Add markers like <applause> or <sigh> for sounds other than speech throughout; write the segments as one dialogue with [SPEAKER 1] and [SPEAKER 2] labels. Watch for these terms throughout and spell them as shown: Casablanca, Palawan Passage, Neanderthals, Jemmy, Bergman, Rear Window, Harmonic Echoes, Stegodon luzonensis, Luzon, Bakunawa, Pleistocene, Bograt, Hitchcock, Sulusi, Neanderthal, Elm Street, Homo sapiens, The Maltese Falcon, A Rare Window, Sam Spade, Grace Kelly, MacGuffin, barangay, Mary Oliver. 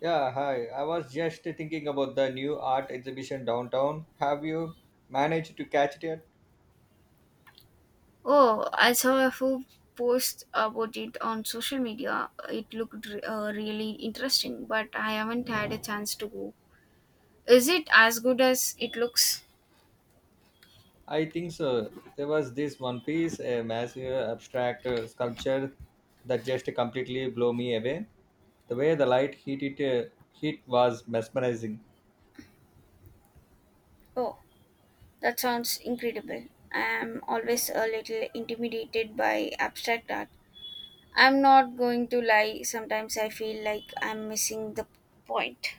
[SPEAKER 1] Yeah, hi. I was just thinking about the new art exhibition downtown. Have you managed to catch it yet?
[SPEAKER 2] Oh, I saw a few posts about it on social media. It looked really interesting, but I haven't had a chance to go. Is it as good as it looks?
[SPEAKER 1] I think so. There was this one piece, a massive abstract sculpture that just completely blew me away. The way the light hit it hit was mesmerizing.
[SPEAKER 2] Oh, that sounds incredible. I'm always a little intimidated by abstract art. I'm not going to lie, sometimes I feel like I'm missing the point.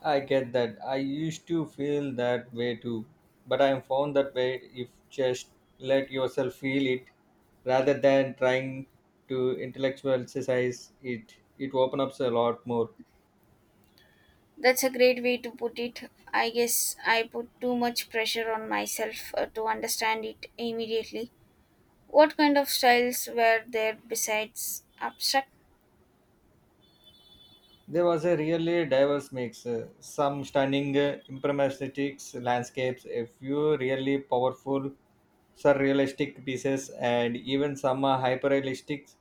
[SPEAKER 1] I get that. I used to feel that way too. But I found that way if just let yourself feel it rather than trying to intellectualize it, it opens up a lot more.
[SPEAKER 2] That's a great way to put it. I guess I put too much pressure on myself to understand it immediately. What kind of styles were there besides abstract?
[SPEAKER 1] There was a really diverse mix, some stunning impressionistics landscapes, a few really powerful surrealistic pieces, and even some hyperrealistic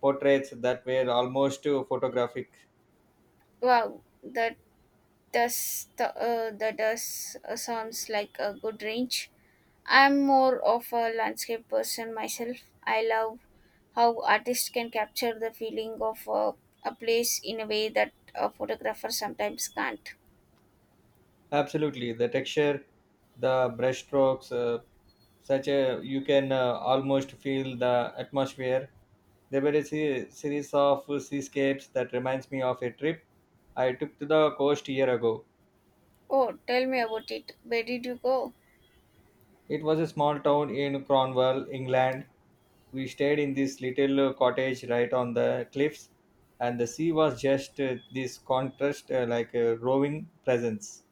[SPEAKER 1] portraits that were almost photographic.
[SPEAKER 2] Wow, that does sounds like a good range. I'm more of a landscape person myself. I love how artists can capture the feeling of a place in a way that a photographer sometimes can't.
[SPEAKER 1] Absolutely, the texture, the brushstrokes, such a you can almost feel the atmosphere. There were a series of seascapes that reminds me of a trip I took to the coast a year ago.
[SPEAKER 2] Oh, tell me about it. Where did you go?
[SPEAKER 1] It was a small town in Cornwall, England. We stayed in this little cottage right on the cliffs, and the sea was just this contrast, like a roving presence.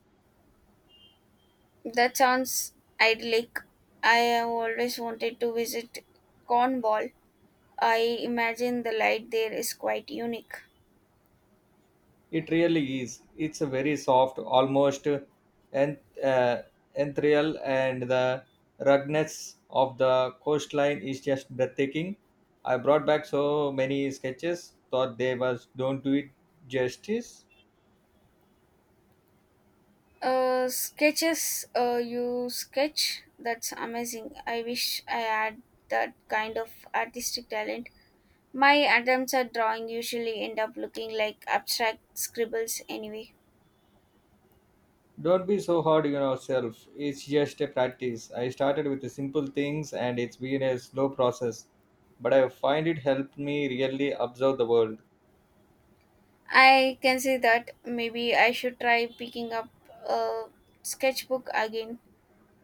[SPEAKER 2] That sounds idyllic. I have always wanted to visit Cornwall. I imagine the light there is quite unique.
[SPEAKER 1] It really is. It's a very soft, almost and uh, ethereal, and the ruggedness of the coastline is just breathtaking. I brought back so many sketches, thought they was don't do it justice.
[SPEAKER 2] Sketches, you sketch, that's amazing. I wish I had that kind of artistic talent. My attempts at drawing usually end up looking like abstract scribbles anyway.
[SPEAKER 1] Don't be so hard on yourself. It's just a practice. I started with the simple things, and it's been a slow process, but I find it helped me really observe the world.
[SPEAKER 2] I can see that maybe I should try picking up a sketchbook again.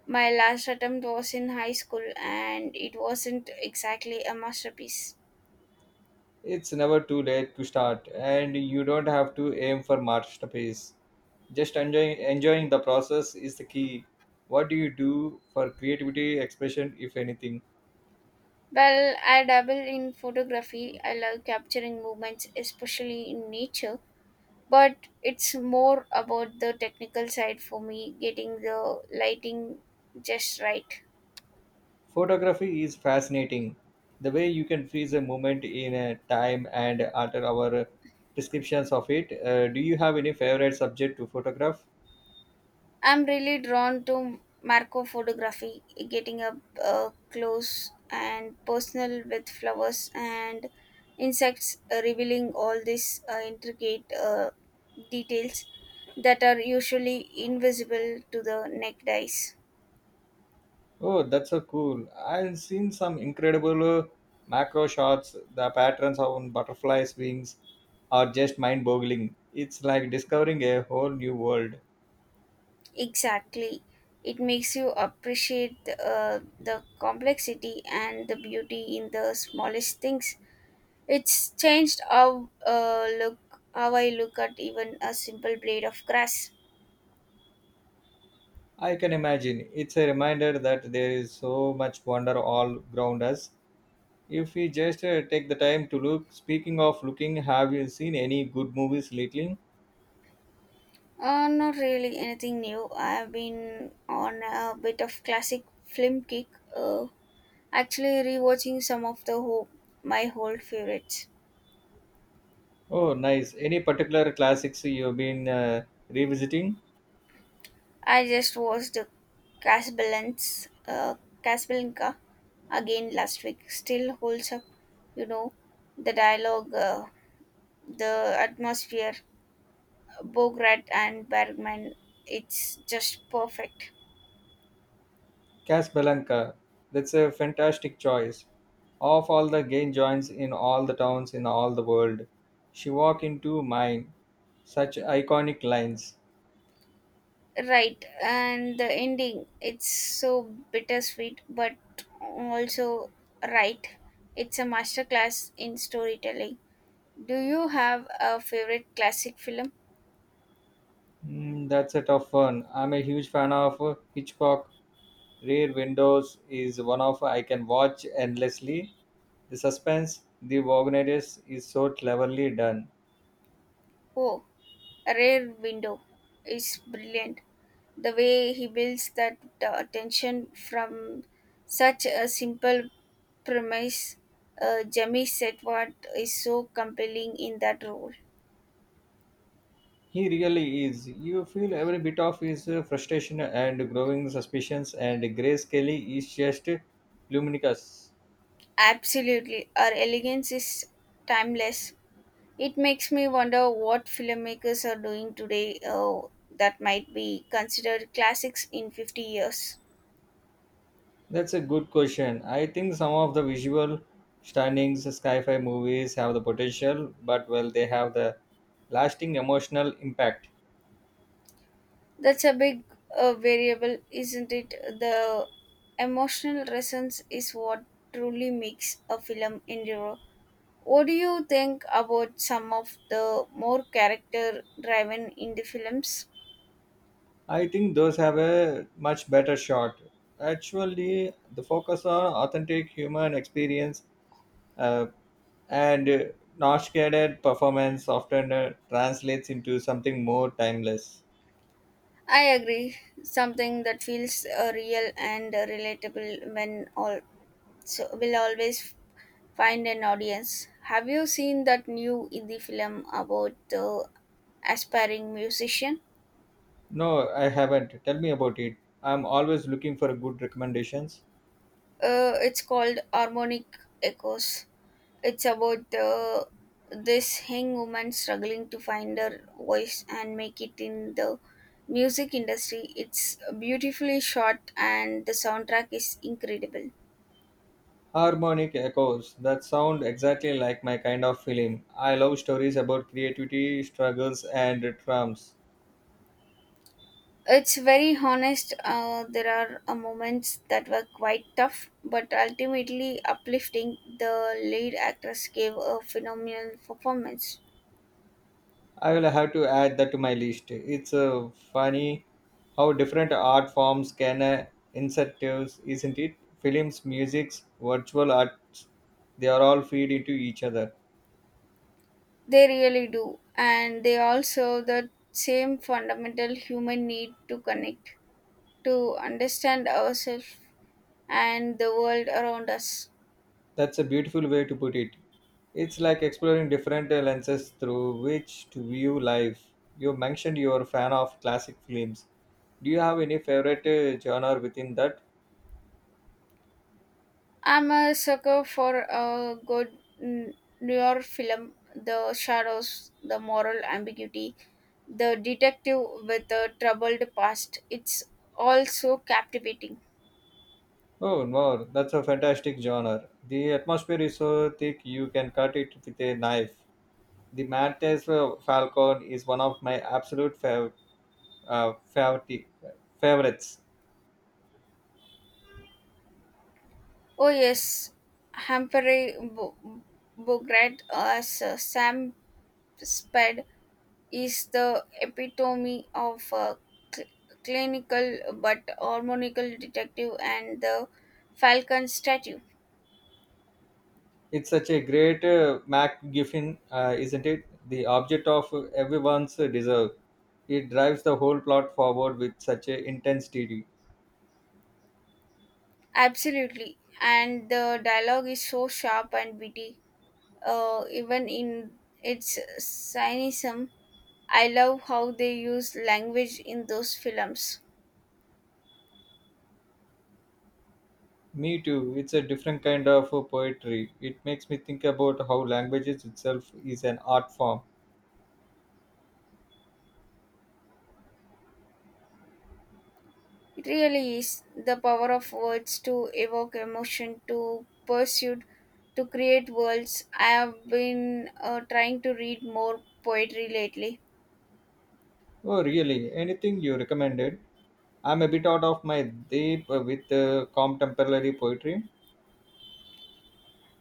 [SPEAKER 2] My last attempt was in high school and it wasn't exactly a masterpiece.
[SPEAKER 1] It's never too late to start, and you don't have to aim for masterpiece. Just enjoying enjoying the process is the key. What do you do for creativity expression, if anything?
[SPEAKER 2] Well, I dabble in photography. I love capturing movements, especially in nature, but it's more about the technical side for me, getting the lighting just right.
[SPEAKER 1] Photography is fascinating. The way you can freeze a moment in a time and alter our prescriptions of it. Do you have any favorite subject to photograph?
[SPEAKER 2] I'm really drawn to macro photography, getting up close and personal with flowers and insects, revealing all these intricate details that are usually invisible to the naked eyes.
[SPEAKER 1] Oh, that's so cool. I've seen some incredible macro shots. The patterns on butterflies' wings are just mind boggling. It's like discovering a whole new world.
[SPEAKER 2] Exactly. It makes you appreciate the complexity and the beauty in the smallest things. It's changed how I look at even a simple blade of grass.
[SPEAKER 1] I can imagine. It's a reminder that there is so much wonder all around us. If we just take the time to look, speaking of looking, have you seen any good movies lately?
[SPEAKER 2] Not really anything new. I've been on a bit of classic film kick. Uh, Actually rewatching some of my old favorites.
[SPEAKER 1] Oh, nice. Any particular classics you've been revisiting?
[SPEAKER 2] I just watched Casablanca, uh, Casablanca again last week. Still holds up, you know, the dialogue, the atmosphere, Bograt and Bergman. It's just perfect.
[SPEAKER 1] Casablanca. That's a fantastic choice. Of all the gay joints in all the towns in all the world, she walked into mine. Such iconic lines.
[SPEAKER 2] Right, and the ending, it's so bittersweet, but also right. It's a masterclass in storytelling. Do you have a favorite classic film?
[SPEAKER 1] That's a tough one. I'm a huge fan of Hitchcock. Rear Windows is one of I can watch endlessly. The suspense, the wagonness is so cleverly done.
[SPEAKER 2] Oh, a rare window is brilliant. The way he builds that tension from such a simple premise, Jemmy said what is so compelling in that role.
[SPEAKER 1] He really is. You feel every bit of his frustration and growing suspicions, and Grace Kelly is just luminous.
[SPEAKER 2] Absolutely, her elegance is timeless. It makes me wonder what filmmakers are doing today that might be considered classics in 50 years.
[SPEAKER 1] That's a good question. I think some of the visual stunnings sci fi movies have the potential, but well, they have the lasting emotional impact.
[SPEAKER 2] That's a big variable, isn't it? The emotional resonance is what truly makes a film endure. What do you think about some of the more character driven indie films?
[SPEAKER 1] I think those have a much better shot. Actually, the focus on authentic human experience, uh, and nostradamus performance often translates into something more timeless.
[SPEAKER 2] I agree. Something that feels real and relatable when all so will always find an audience. Have you seen that new indie film about the aspiring musician?
[SPEAKER 1] No, I haven't. Tell me about it. I'm always looking for good recommendations.
[SPEAKER 2] It's called Harmonic Echoes. It's about this young woman struggling to find her voice and make it in the music industry. It's beautifully shot and the soundtrack is incredible.
[SPEAKER 1] Harmonic echoes, that sound exactly like my kind of film. I love stories about creativity struggles and triumphs.
[SPEAKER 2] It's very honest. There are moments that were quite tough, but ultimately uplifting. The lead actress gave a phenomenal performance.
[SPEAKER 1] I will have to add that to my list. It's funny how different art forms can incentives, isn't it? Films, musics, virtual arts, they are all feed into each other.
[SPEAKER 2] They really do, and they also the same fundamental human need to connect, to understand ourselves and the world around us.
[SPEAKER 1] That's a beautiful way to put it. It's like exploring different lenses through which to view life. You mentioned you're a fan of classic films. Do you have any favorite genre within that?
[SPEAKER 2] I'm a sucker for a noir film. The shadows, the moral ambiguity, the detective with a troubled past. It's all so captivating.
[SPEAKER 1] Oh, no, that's a fantastic genre. The atmosphere is so thick you can cut it with a knife. The Maltese Falcon is one of my absolute favorite favorites.
[SPEAKER 2] Oh yes, Humphrey Bo- Bogart as Sam Spade is the epitome of a cl- clinical but harmonical detective and the falcon statue.
[SPEAKER 1] It's such a great MacGuffin, isn't it? The object of everyone's deserve. It drives the whole plot forward with such a intensity.
[SPEAKER 2] Absolutely. And the dialogue is so sharp and witty, even in its cynicism. I love how they use language in those films.
[SPEAKER 1] Me too. It's a different kind of poetry. It makes me think about how languages itself is an art form.
[SPEAKER 2] It really is the power of words to evoke emotion, to pursue, to create worlds. I have been trying to read more poetry lately.
[SPEAKER 1] Oh, really? Anything you recommended? I'm a bit out of my depth with contemporary poetry.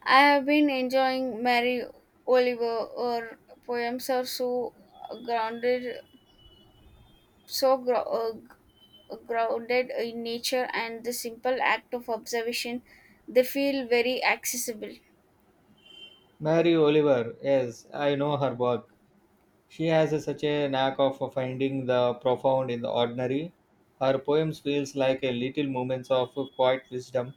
[SPEAKER 2] I have been enjoying Mary Oliver. Her poems are so grounded, so gro- uh, g- grounded in nature and the simple act of observation. They feel very accessible.
[SPEAKER 1] Mary Oliver, yes, I know her work. She has a- such a knack of finding the profound in the ordinary. Her poems feels like a little moments of quiet wisdom.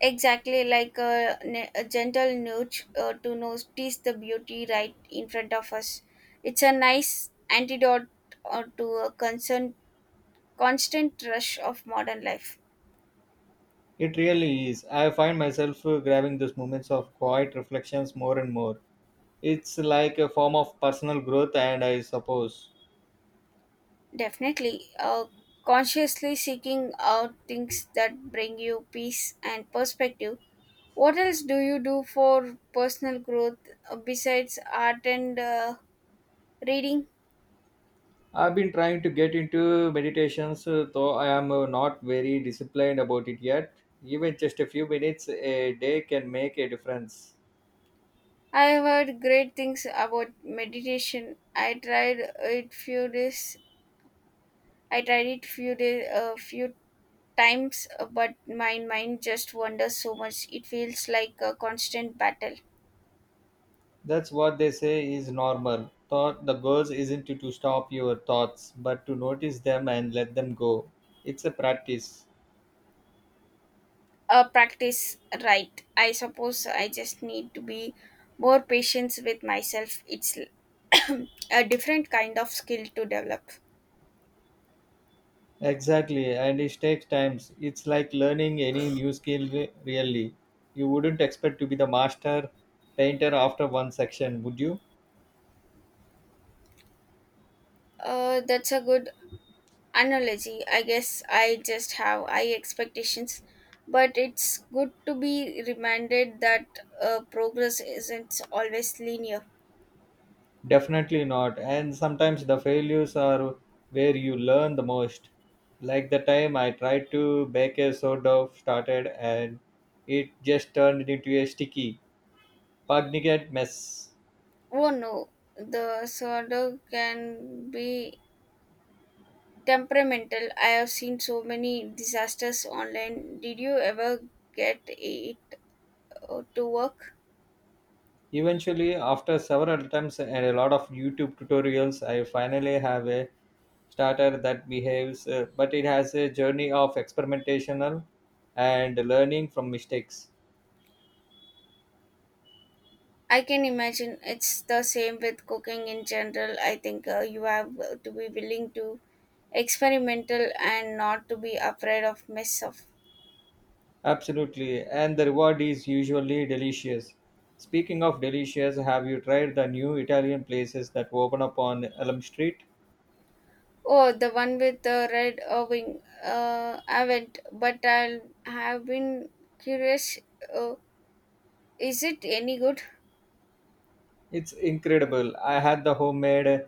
[SPEAKER 2] Exactly like a gentle nudge to notice the beauty right in front of us. It's a nice antidote to a concern, constant rush of modern life.
[SPEAKER 1] It really is. I find myself grabbing those moments of quiet reflections more and more. It's like a form of personal growth, and I suppose
[SPEAKER 2] Definitely, consciously seeking out things that bring you peace and perspective. What else do you do for personal growth besides art and reading?
[SPEAKER 1] I've been trying to get into meditations, though I am not very disciplined about it yet. Even just a few minutes a day can make a difference.
[SPEAKER 2] I have heard great things about meditation. I tried it few days, a few times, but my mind just wanders so much. It feels like a constant battle.
[SPEAKER 1] That's what they say is normal. Thought the goal isn't to stop your thoughts, but to notice them and let them go. It's a practice.
[SPEAKER 2] Practice right. I suppose I just need to be more patient with myself. It's <coughs> a different kind of skill to develop.
[SPEAKER 1] Exactly, and it takes time. It's like learning any new skill, really. You wouldn't expect to be the master painter after one section, would you?
[SPEAKER 2] That's a good analogy. I guess I just have high expectations, but it's good to be reminded that progress isn't always linear.
[SPEAKER 1] Definitely not. And sometimes the failures are where you learn the most. Like the time I tried to bake a sourdough started and it just turned into a sticky Pugnagat mess.
[SPEAKER 2] Oh no, the sourdough can be temperamental. I have seen so many disasters online. Did you ever get it to work?
[SPEAKER 1] Eventually, after several attempts and a lot of YouTube tutorials, I finally have a starter that behaves, but it has a journey of experimentational and learning from mistakes.
[SPEAKER 2] I can imagine it's the same with cooking in general. I think you have to be willing to experimental and not to be afraid of mess up.
[SPEAKER 1] Absolutely, and the reward is usually delicious. Speaking of delicious, have you tried the new Italian places that open up on Elm Street?
[SPEAKER 2] Oh, the one with the red wing. I haven't, but I have been curious. Uh, is it any good?
[SPEAKER 1] It's incredible. I had the homemade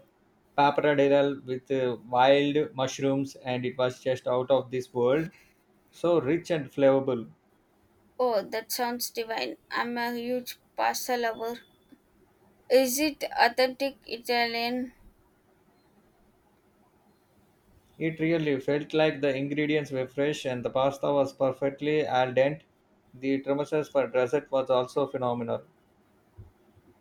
[SPEAKER 1] pappardelle with wild mushrooms, and it was just out of this world. So rich and flavorful.
[SPEAKER 2] Oh, that sounds divine. I'm a huge pasta lover. Is it authentic Italian?
[SPEAKER 1] It really felt like the ingredients were fresh, and the pasta was perfectly al dente. The tiramisu for dessert was also phenomenal.